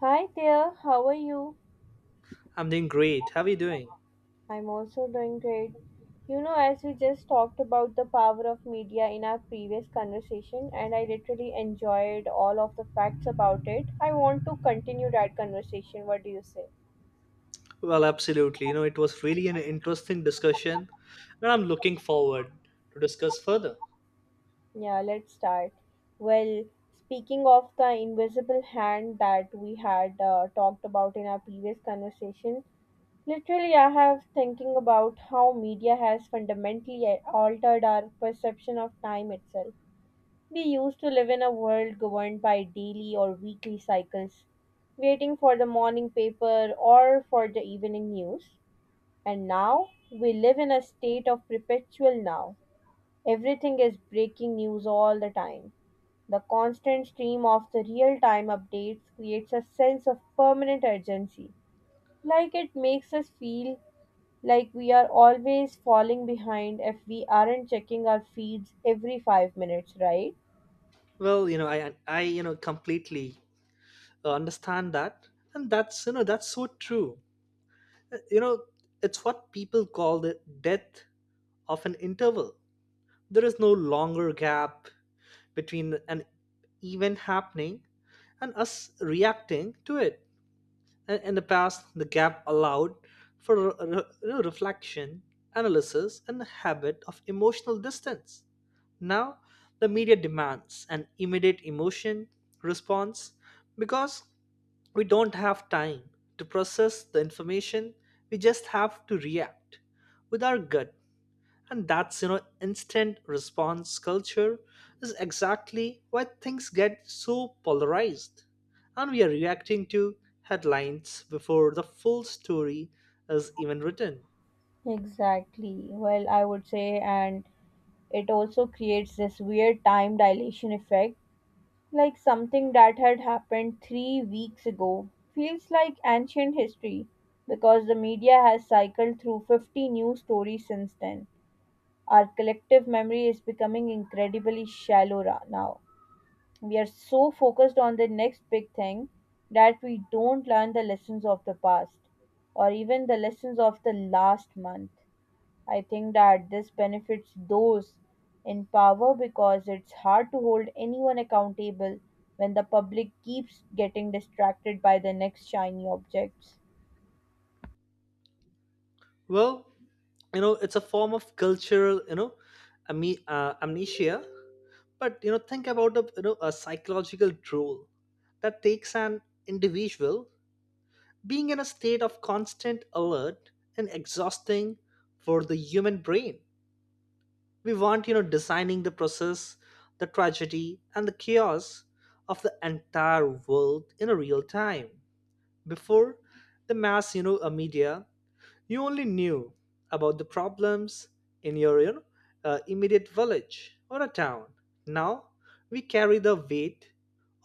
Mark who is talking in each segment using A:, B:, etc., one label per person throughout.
A: Hi there, how are you?
B: I'm doing great. How are you doing?
A: I'm also doing great. You know, as we just talked about the power of media in our previous conversation, and I literally enjoyed all of the facts about it, I want to continue that conversation. What do you say?
B: Well, absolutely. You know, it was really an interesting discussion, and I'm looking forward to discuss further.
A: Yeah, let's start. Well, speaking of the invisible hand that we had talked about in our previous conversation, literally I have thinking about how media has fundamentally altered our perception of time itself. We used to live in a world governed by daily or weekly cycles, waiting for the morning paper or for the evening news. And now we live in a state of perpetual now. Everything is breaking news all the time. The constant stream of the real time updates creates a sense of permanent urgency. Like it makes us feel like we are always falling behind if we aren't checking our feeds every 5 minutes, right?
B: Well, you know, I completely understand that, and that's so true. Uh, You know, it's what people call the death of an interval. There is no longer gap between an event happening and us reacting to it. In the past, the gap allowed for reflection, analysis, and the habit of emotional distance. Now, the media demands an immediate emotion response because we don't have time to process the information, we just have to react with our gut, and that's instant response culture is exactly why things get so polarized and we are reacting to headlines before the full story is even written.
A: Exactly. Well, I would say, and it also creates this weird time dilation effect. Like something that had happened 3 weeks ago feels like ancient history because the media has cycled through 50 new stories since then. Our collective memory is becoming incredibly shallow now. We are so focused on the next big thing that we don't learn the lessons of the past or even the lessons of the last month. I think that this benefits those in power because it's hard to hold anyone accountable when the public keeps getting distracted by the next shiny objects.
B: Well, you know, it's a form of cultural, you know, amnesia. But you know think about a, you know, a psychological tool that takes an individual being in a state of constant alert, and exhausting for the human brain. We want, you know, designing the process, the tragedy, and the chaos of the entire world in a real time. Before the mass, you know, media, you only knew about the problems in your, you know, immediate village or a town. Now we carry the weight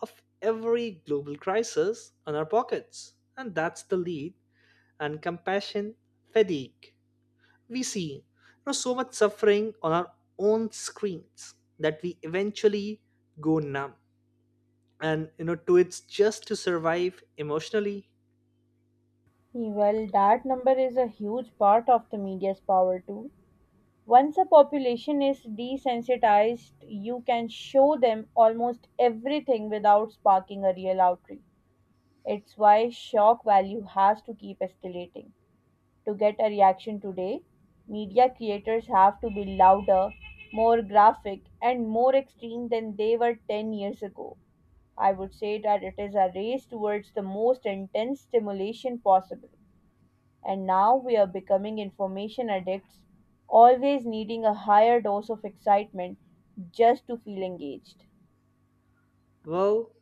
B: of every global crisis on our pockets, and that's the lead and compassion fatigue. We see, you know, so much suffering on our own screens that we eventually go numb, and you know to it's just to survive emotionally.
A: Well, that number is a huge part of the media's power too. Once a population is desensitized, you can show them almost everything without sparking a real outrage. It's why shock value has to keep escalating. To get a reaction today, media creators have to be louder, more graphic, and more extreme than they were 10 years ago. I would say that it is a race towards the most intense stimulation possible. And now we are becoming information addicts, always needing a higher dose of excitement just to feel engaged.
B: Well,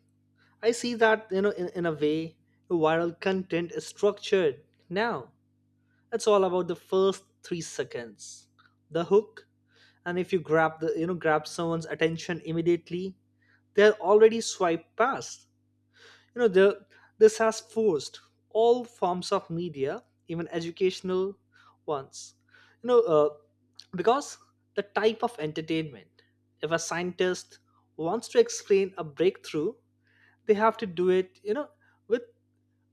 B: I see that you know in a way viral content is structured now. It's all about the first 3 seconds, the hook. And if you grab someone's attention immediately, they're already swiped past, you know. This has forced all forms of media, even educational ones, you know, because the type of entertainment, if a scientist wants to explain a breakthrough, they have to do it, you know, with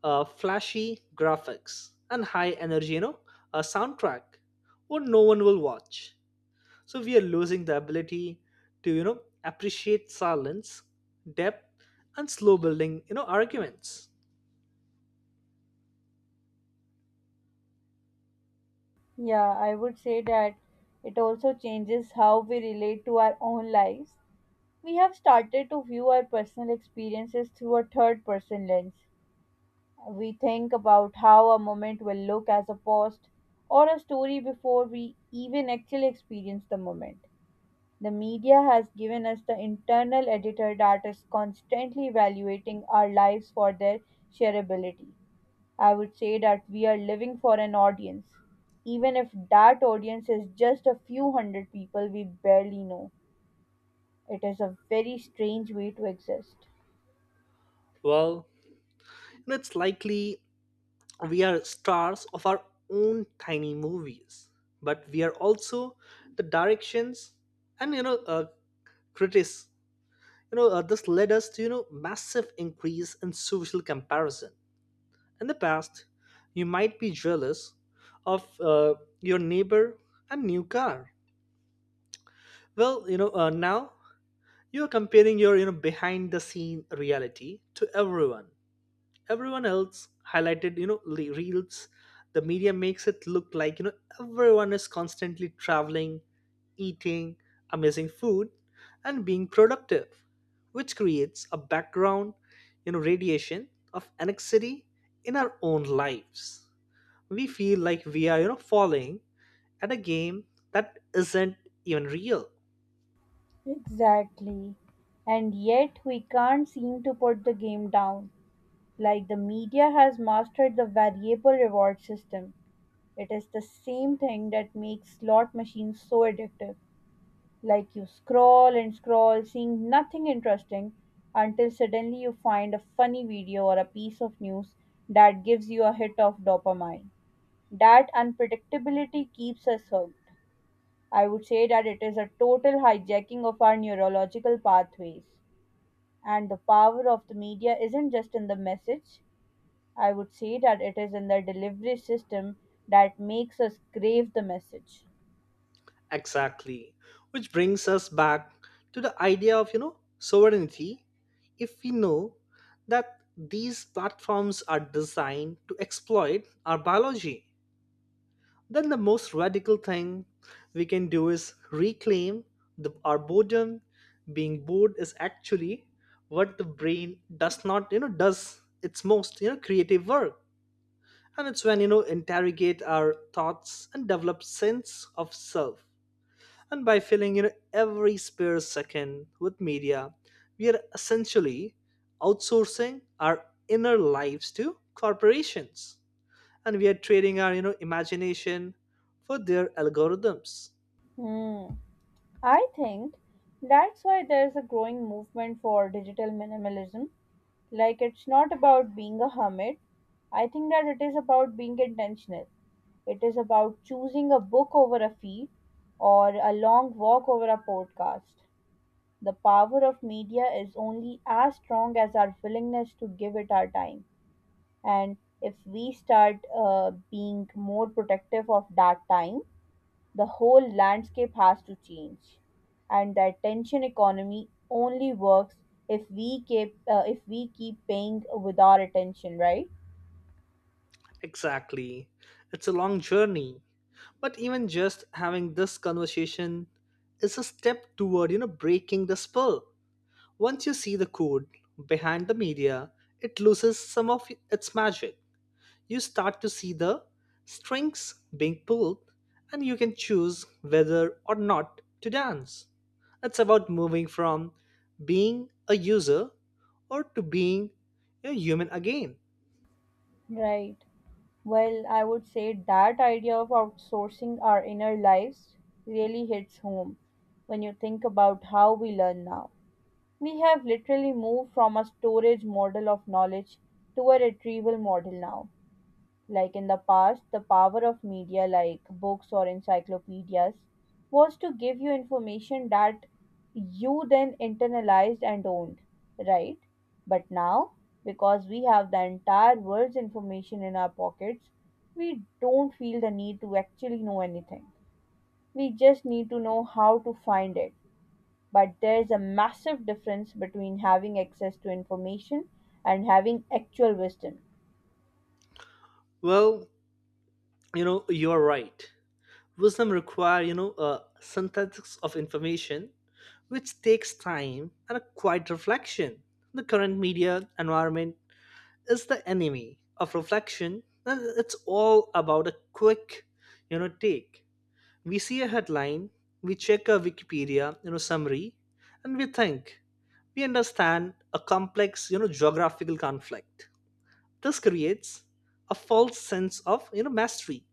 B: flashy graphics and high energy, you know, a soundtrack, or no one will watch. So we are losing the ability to, you know, appreciate silence, depth, and slow building, you know, arguments.
A: Yeah, I would say that it also changes how we relate to our own lives. We have started to view our personal experiences through a third person lens. We think about how a moment will look as a post or a story before we even actually experience the moment. The media has given us the internal editor that is constantly evaluating our lives for their shareability. I would say that we are living for an audience, even if that audience is just a few hundred people we barely know. It is a very strange way to exist.
B: Well, it's likely we are stars of our own tiny movies, but we are also the directions and, you know, critics. You know this led us to, you know, massive increase in social comparison. In the past, you might be jealous of your neighbor and new car. Well, you know, now you are comparing your, you know, behind the scene reality to everyone else highlighted, you know, the reels. The media makes it look like, you know, everyone is constantly traveling, eating amazing food, and being productive, which creates a background, you know, radiation of anxiety in our own lives. We feel like we are, you know, falling at a game that isn't even real.
A: Exactly. And yet we can't seem to put the game down. Like the media has mastered the variable reward system. It is the same thing that makes slot machines so addictive. Like you scroll and scroll, seeing nothing interesting, until suddenly you find a funny video or a piece of news that gives you a hit of dopamine. That unpredictability keeps us hooked. I would say that it is a total hijacking of our neurological pathways. And the power of the media isn't just in the message. I would say that it is in the delivery system that makes us crave the message.
B: Exactly. Which brings us back to the idea of, you know, sovereignty. If we know that these platforms are designed to exploit our biology, then the most radical thing we can do is reclaim the, our boredom. Being bored is actually what the brain does not, you know, does its most, you know, creative work. And it's when, you know, interrogate our thoughts and develop sense of self, and by filling in every spare second with media, we are essentially outsourcing our inner lives to corporations. And we are trading our, you know, imagination for their algorithms.
A: Hmm. I think that's why there's a growing movement for digital minimalism. Like, it's not about being a hermit. I think that it is about being intentional. It is about choosing a book over a feed or a long walk over a podcast. The power of media is only as strong as our willingness to give it our time. And if we start being more protective of that time, the whole landscape has to change. And the attention economy only works if we keep paying with our attention, right?
B: Exactly. It's a long journey. But even just having this conversation is a step toward, you know, breaking the spell. Once you see the code behind the media, it loses some of its magic. You start to see the strings being pulled, and you can choose whether or not to dance. It's about moving from being a user or to being a human again.
A: Right. Well, I would say that idea of outsourcing our inner lives really hits home when you think about how we learn now. We have literally moved from a storage model of knowledge to a retrieval model now. Like in the past, the power of media like books or encyclopedias was to give you information that you then internalized and owned, right? But now, because we have the entire world's information in our pockets, we don't feel the need to actually know anything. We just need to know how to find it, but there is a massive difference between having access to information and having actual wisdom.
B: Well, you know, you're right. Wisdom require, you know, a synthesis of information which takes time and a quiet reflection. The current media environment is the enemy of reflection, and it's all about a quick, you know, take. We see a headline, we check a wikipedia, you know, summary, and we think we understand a complex, you know, geographical conflict. This creates a false sense of, you know, mastery.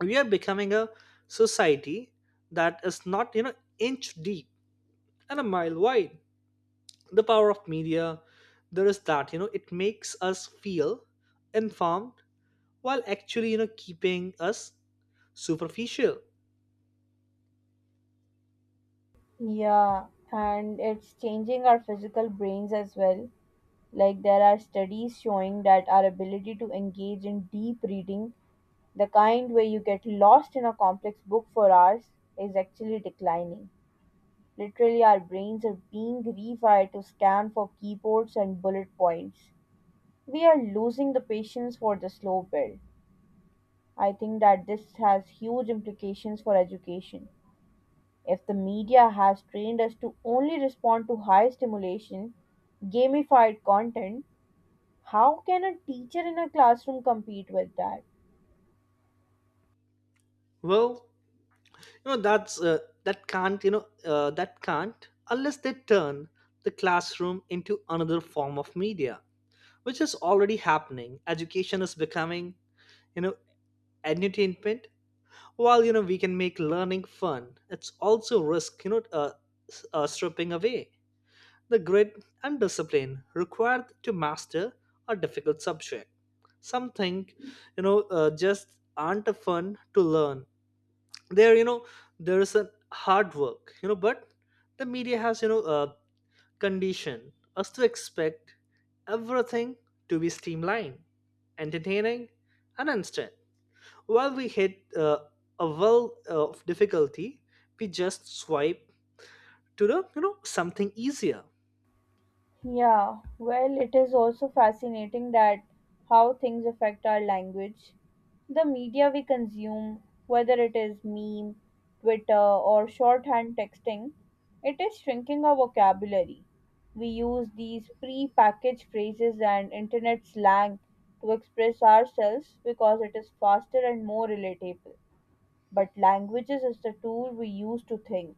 B: We are becoming a society that is not, you know, inch deep and a mile wide. The power of media there is that, you know, it makes us feel informed while actually, you know, keeping us superficial.
A: Yeah, and it's changing our physical brains as well. Like, there are studies showing that our ability to engage in deep reading, the kind where you get lost in a complex book for hours, is actually declining. Literally, our brains are being rewired to scan for keywords and bullet points. We are losing the patience for the slow build. I think that this has huge implications for education. If the media has trained us to only respond to high stimulation, gamified content, how can a teacher in a classroom compete with that?
B: Well, you know, that can't, unless they turn the classroom into another form of media, which is already happening. Education is becoming, you know, entertainment. While, you know, we can make learning fun, it's also risk, you know, stripping away the grit and discipline required to master a difficult subject. Something, you know, just aren't fun to learn. There, you know, there is a hard work, you know, but the media has, you know, conditioned us to expect everything to be streamlined, entertaining, and instant. While we hit a well of difficulty, we just swipe to the, you know, something easier.
A: Yeah, well, it is also fascinating that how things affect our language. The media we consume, whether it is meme, Twitter, or shorthand texting, it is shrinking our vocabulary. We use these pre packaged phrases and internet slang to express ourselves because it is faster and more relatable. But languages is the tool we use to think.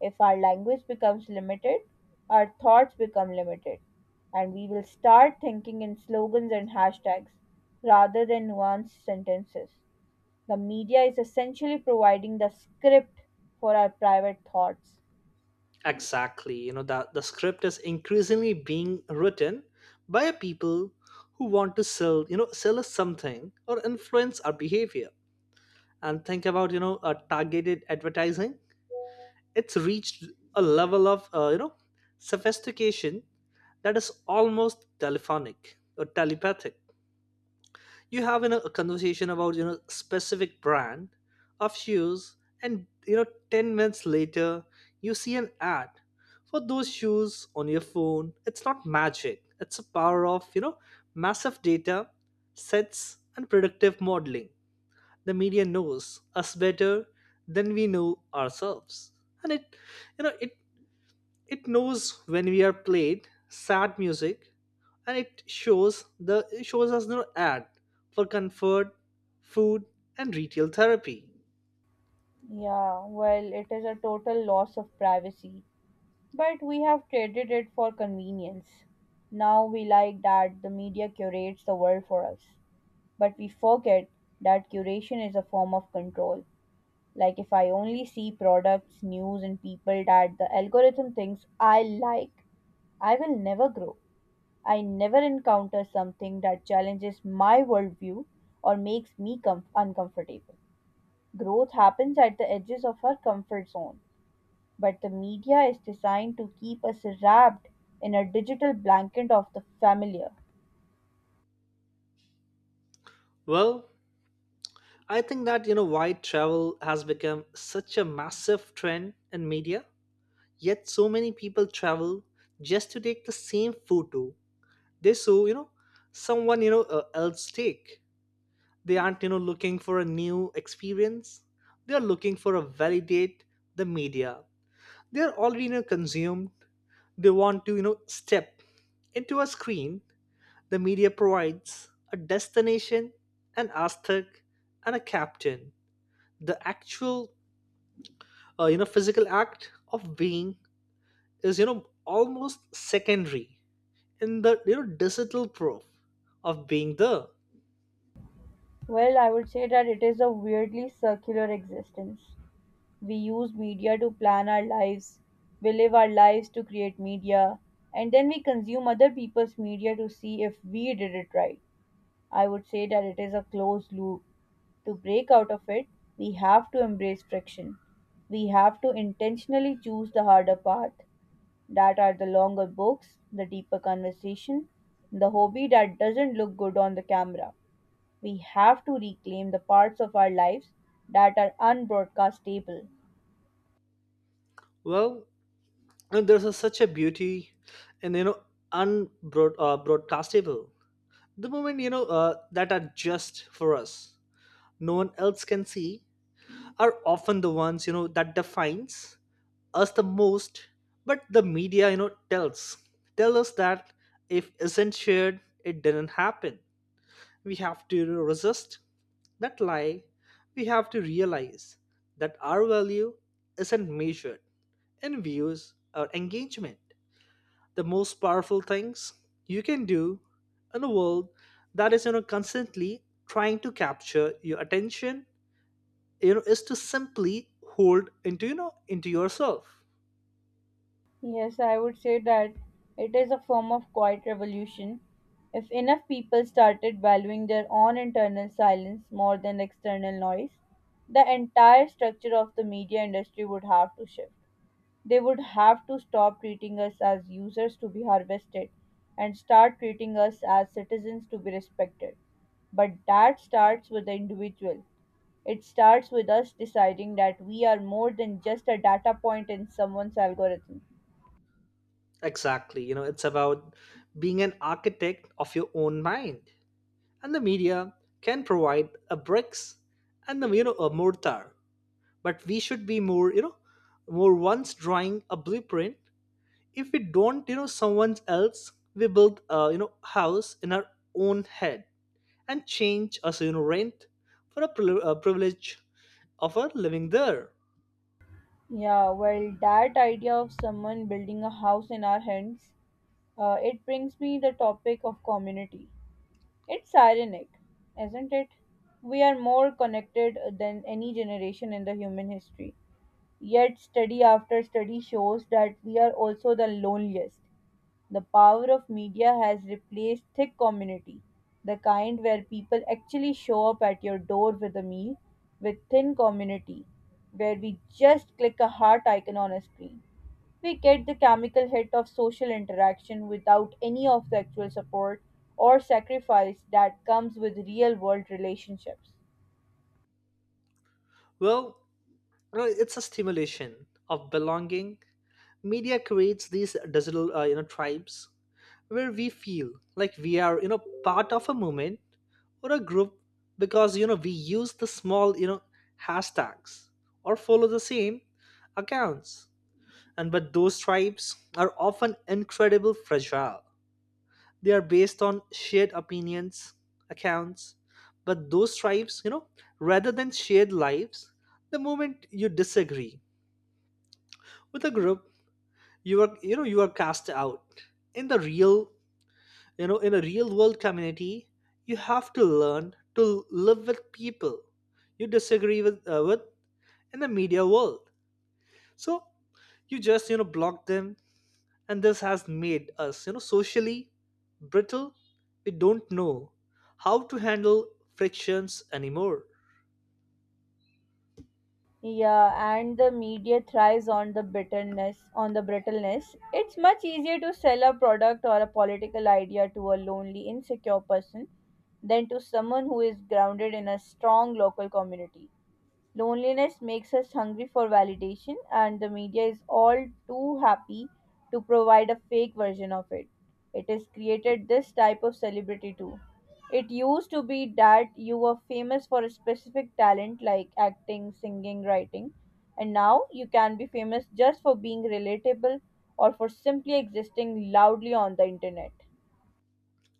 A: If our language becomes limited, our thoughts become limited, and we will start thinking in slogans and hashtags rather than nuanced sentences. The media is essentially providing the script for our private thoughts.
B: Exactly. You know, that the script is increasingly being written by people who want to sell, you know, sell us something or influence our behavior. And think about, you know, targeted advertising. It's reached a level of, you know, sophistication that is almost telephonic or telepathic. You have, you know, a conversation about, you know, specific brand of shoes, and, you know, 10 minutes later you see an ad for those shoes on your phone. It's not magic, it's a power of, you know, massive data sets and predictive modeling. The media knows us better than we know ourselves, and it it knows when we are played sad music, and it shows us the ad for comfort, food, and retail therapy.
A: Yeah, well, it is a total loss of privacy, but we have traded it for convenience. Now we like that the media curates the world for us, but we forget that curation is a form of control. Like if I only see products, news, and people that the algorithm thinks I like, I will never grow. I never encounter something that challenges my worldview or makes me uncomfortable. Growth happens at the edges of our comfort zone, but the media is designed to keep us wrapped in a digital blanket of the familiar.
B: Well, I think that, you know, why travel has become such a massive trend in media. Yet so many people travel just to take the same photo they saw, you know, someone, you know, else take. They aren't, you know, looking for a new experience. They are looking for a validate the media they're already, you know, consumed. They want to, you know, step into a screen. The media provides a destination, an aesthetic, and a captain. The actual, you know, physical act of being is, you know, almost secondary in the, you know, digital proof of being there.
A: Well, I would say that it is a weirdly circular existence. We use media to plan our lives. We live our lives to create media. And then we consume other people's media to see if we did it right. I would say that it is a closed loop. To break out of it, we have to embrace friction. We have to intentionally choose the harder path. That are the longer books, the deeper conversation, the hobby that doesn't look good on the camera. We have to reclaim the parts of our lives that are unbroadcastable.
B: Well, and there's a, such a beauty and, you know, unbroad broadcastable. The moment, you know, that are just for us, no one else can see, are often the ones, you know, that defines us the most. But the media, you know, tell us that if isn't shared it didn't happen. We have to, you know, resist that lie. We have to realize that our value isn't measured in views or engagement. The most powerful things you can do in a world that is, you know, constantly trying to capture your attention, you know, is to simply hold into, you know, into yourself.
A: Yes, I would say that it is a form of quiet revolution. If enough people started valuing their own internal silence more than external noise, the entire structure of the media industry would have to shift. They would have to stop treating us as users to be harvested and start treating us as citizens to be respected. But that starts with the individual. It starts with us deciding that we are more than just a data point in someone's algorithm.
B: Exactly. You know, it's about being an architect of your own mind, and the media can provide a bricks and the, you know, a mortar. But we should be more, you know, more once drawing a blueprint. If we don't, you know, someone else we build a, you know, house in our own head and change us, you know, rent for a, a privilege of our living there.
A: Yeah, well, that idea of someone building a house in our hands, it brings me the topic of community. It's ironic, isn't it? We are more connected than any generation in the human history. Yet, study after study shows that we are also the loneliest. The power of media has replaced thick community, the kind where people actually show up at your door with a meal, with thin community, where we just click a heart icon on a screen. We get the chemical hit of social interaction without any of the actual support or sacrifice that comes with real world relationships.
B: Well, you know, it's a stimulation of belonging. Media creates these digital, you know, tribes where we feel like we are, you know, part of a movement or a group because you know we use the small, you know, hashtags or follow the same accounts. And but those tribes are often incredible fragile. They are based on shared opinions, accounts, but those tribes, rather than shared lives. The moment you disagree with a group, you are cast out. In the real you know in a real world community, you have to learn to live with people you disagree with. In the media world, so you just block them, and this has made us socially brittle. We don't know how to handle frictions anymore.
A: Yeah, and the media thrives on the bitterness, on the brittleness. It's much easier to sell a product or a political idea to a lonely, insecure person than to someone who is grounded in a strong local community. Loneliness makes us hungry for validation, and the media is all too happy to provide a fake version of it. It has created this type of celebrity too. It used to be that you were famous for a specific talent like acting, singing, writing, and now you can be famous just for being relatable or for simply existing loudly on the internet.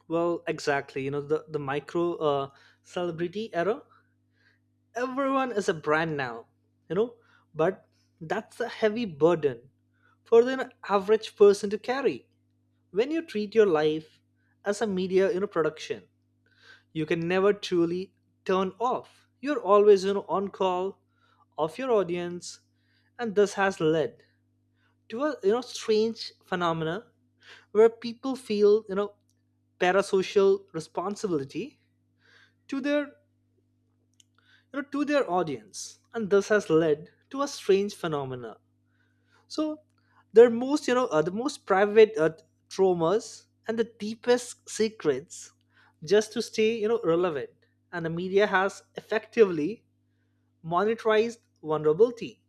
B: Well, exactly. The micro celebrity era, everyone is a brand now. you know but that's a heavy burden for the average person to carry. When you treat your life as a media production, you can never truly turn off. You're always on call of your audience, and this has led to a strange phenomena where people feel parasocial responsibility to their you to their audience. And this has led to a strange phenomena, so their most the most private traumas and the deepest secrets, just to stay relevant. And the media has effectively monetized vulnerability.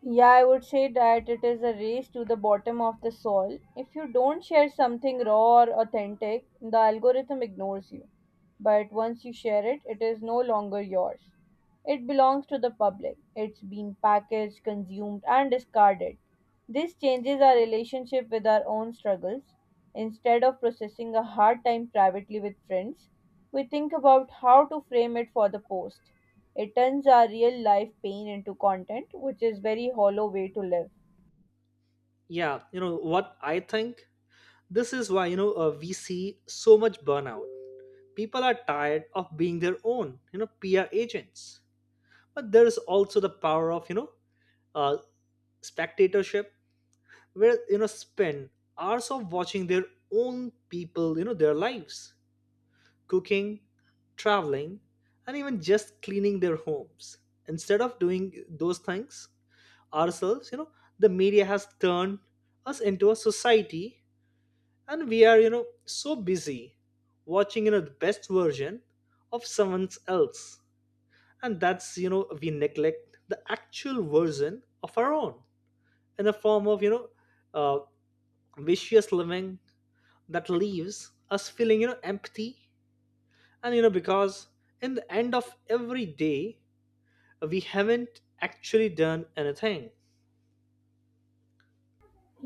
A: Yeah, I would say that it is a race to the bottom of the soil. If you don't share something raw or authentic, the algorithm ignores you. But once you share it, it is no longer yours. It belongs to the public. It's been packaged, consumed, and discarded. This changes our relationship with our own struggles. Instead of processing a hard time privately with friends, we think about how to frame it for the post. It turns our real life pain into content, which is very hollow way to live.
B: Yeah, you know what I think, this is why we see so much burnout. People are tired of being their own PR agents. But there is also the power of uh, spectatorship, where spend hours of watching their own people, their lives, cooking, traveling, and even just cleaning their homes, instead of doing those things ourselves. The media has turned us into a society, and we are so busy watching the best version of someone else. And that's we neglect the actual version of our own, in the form of uh, vicious living that leaves us feeling empty. And because in the end of every day, we haven't actually done anything.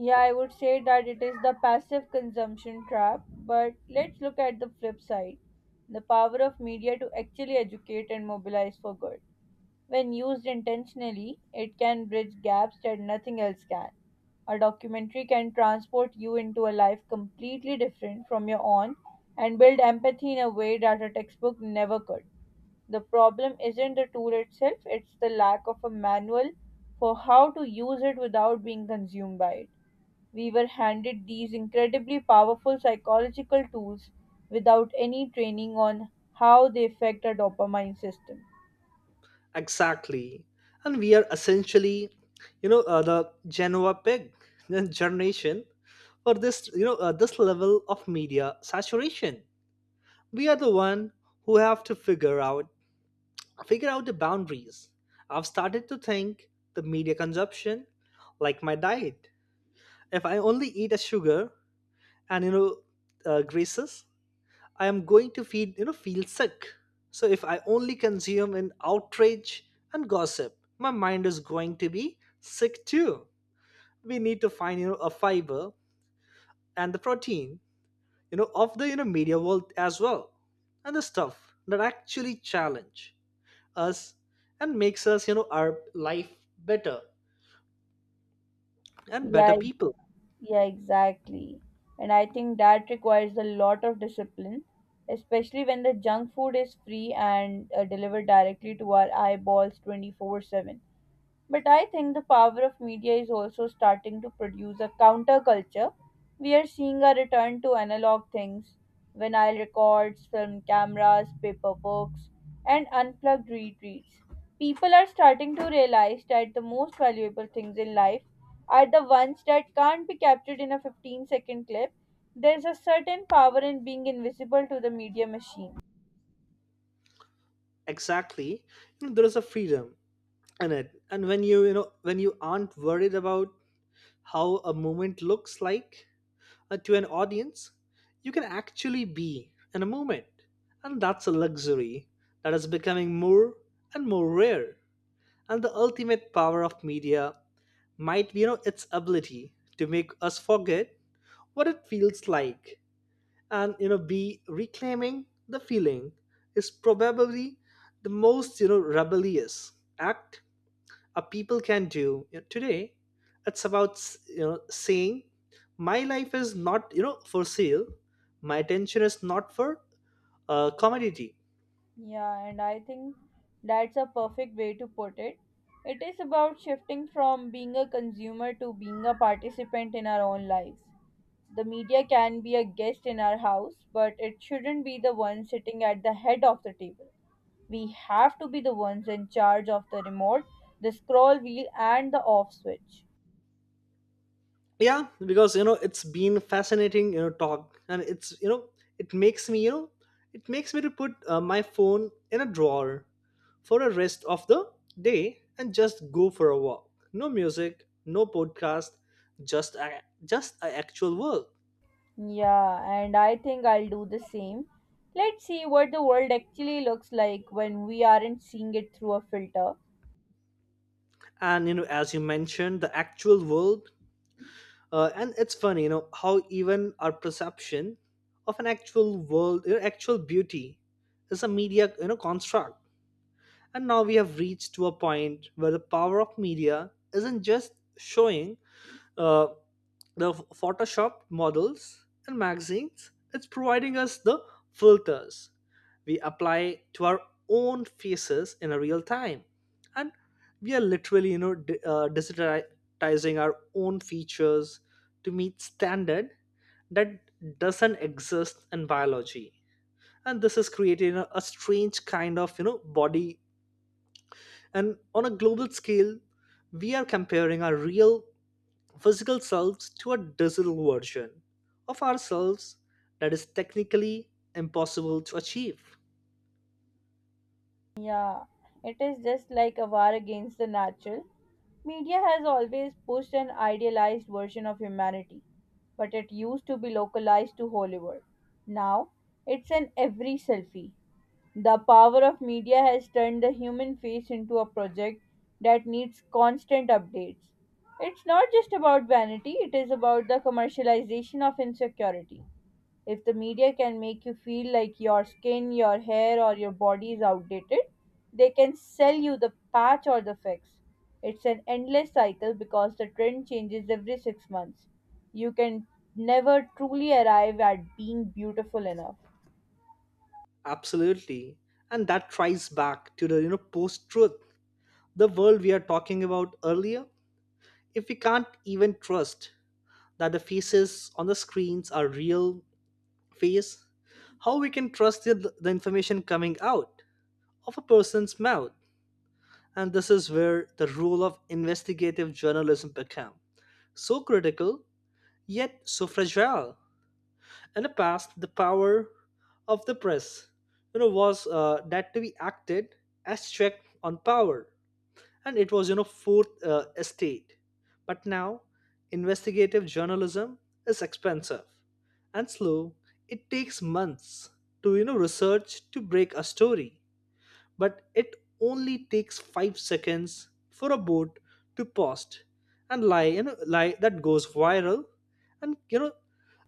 A: Yeah, I would say that it is the passive consumption trap, but let's look at the flip side. The power of media to actually educate and mobilize for good. When used intentionally, it can bridge gaps that nothing else can. A documentary can transport you into a life completely different from your own and build empathy in a way that a textbook never could. The problem isn't the tool itself, it's the lack of a manual for how to use it without being consumed by it. We were handed these incredibly powerful psychological tools without any training on how they affect our dopamine system.
B: Exactly. And we are essentially the genoa pig the generation for this this level of media saturation. We are the one who have to figure out the boundaries. I've started to think the media consumption like my diet. If I only eat a sugar and graces, I am going to feel you know feel sick. So if I only consume in outrage and gossip, my mind is going to be sick too. We need to find a fiber and the protein of the media world as well, and the stuff that actually challenge us and makes us our life better and better
A: Yeah, e-
B: people.
A: yeah, exactly. And I think that requires a lot of discipline, especially when the junk food is free and delivered directly to our eyeballs 24/7. But I think the power of media is also starting to produce a counterculture. We are seeing a return to analog things, vinyl records, film cameras, paper books, and unplugged retreats. People are starting to realize that the most valuable things in life are the ones that can't be captured in a 15-second clip. There's a certain power in being invisible to the media machine.
B: Exactly. There is a freedom in it, and when you aren't worried about how a movement looks like to an audience. You can actually be in a movement, and that's a luxury that is becoming more and more rare. And the ultimate power of media might be, its ability to make us forget what it feels like, and be reclaiming the feeling is probably the most rebellious act a people can do. Today it's about saying my life is not for sale, my attention is not for commodity.
A: Yeah, and I think that's a perfect way to put it. It is about shifting from being a consumer to being a participant in our own lives. The media can be a guest in our house, but it shouldn't be the one sitting at the head of the table. We have to be the ones in charge of the remote, the scroll wheel, and the off switch.
B: Yeah, because it's been fascinating talk, and it makes me you know it makes me to put my phone in a drawer for the rest of the day and just go for a walk, no music, no podcast, just a actual world.
A: Yeah, and I think I'll do the same. Let's see what the world actually looks like when we aren't seeing it through a filter.
B: And as you mentioned, the actual world. And it's funny how even our perception of an actual world, actual beauty is a media construct. And now we have reached to a point where the power of media isn't just showing uh, the Photoshop models and magazines. It's providing us the filters we apply to our own faces in a real time, and we are literally, digitizing our own features to meet standard that doesn't exist in biology. And this is creating a strange kind of, body. And on a global scale, we are comparing our real physical selves to a digital version of ourselves that is technically impossible to achieve.
A: Yeah, it is just like a war against the natural. Media has always pushed an idealized version of humanity, but it used to be localized to Hollywood. Now, it's an every selfie. The power of media has turned the human face into a project that needs constant updates. It's not just about vanity, it is about the commercialization of insecurity. If the media can make you feel like your skin, your hair, or your body is outdated, they can sell you the patch or the fix. It's an endless cycle because the trend changes every 6 months. You can never truly arrive at being beautiful enough.
B: Absolutely. And that tries back to the post truth, the world we are talking about earlier. If we can't even trust that the faces on the screens are real face, how we can trust the information coming out of a person's mouth. And this is where the role of investigative journalism became so critical, yet so fragile. In the past, the power of the press, was that to be acted as check on power, and it was fourth estate. But now, investigative journalism is expensive and slow. It takes months to research to break a story, but it only takes 5 seconds for a boat to post and lie you know lie that goes viral, and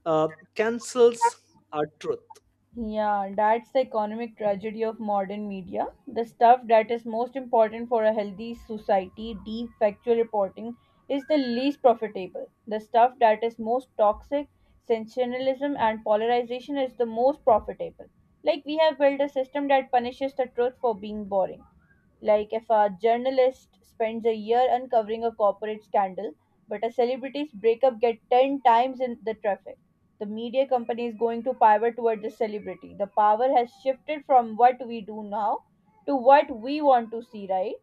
B: uh, cancels our truth.
A: Yeah, that's the economic tragedy of modern media. The stuff that is most important for a healthy society, deep factual reporting, is the least profitable. The stuff that is most toxic, sensationalism, and polarization is the most profitable. Like, we have built a system that punishes the truth for being boring. Like if a journalist spends a year uncovering a corporate scandal, but a celebrity's breakup get 10 times in the traffic, the media company is going to pivot toward the celebrity. The power has shifted from what we do now to what we want to see, right?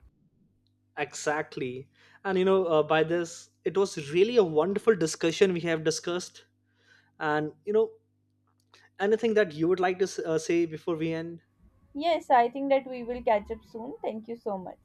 B: Exactly. And by this, it was really a wonderful discussion we have discussed. And anything that you would like to say before we end?
A: Yes, I think that we will catch up soon. Thank you so much.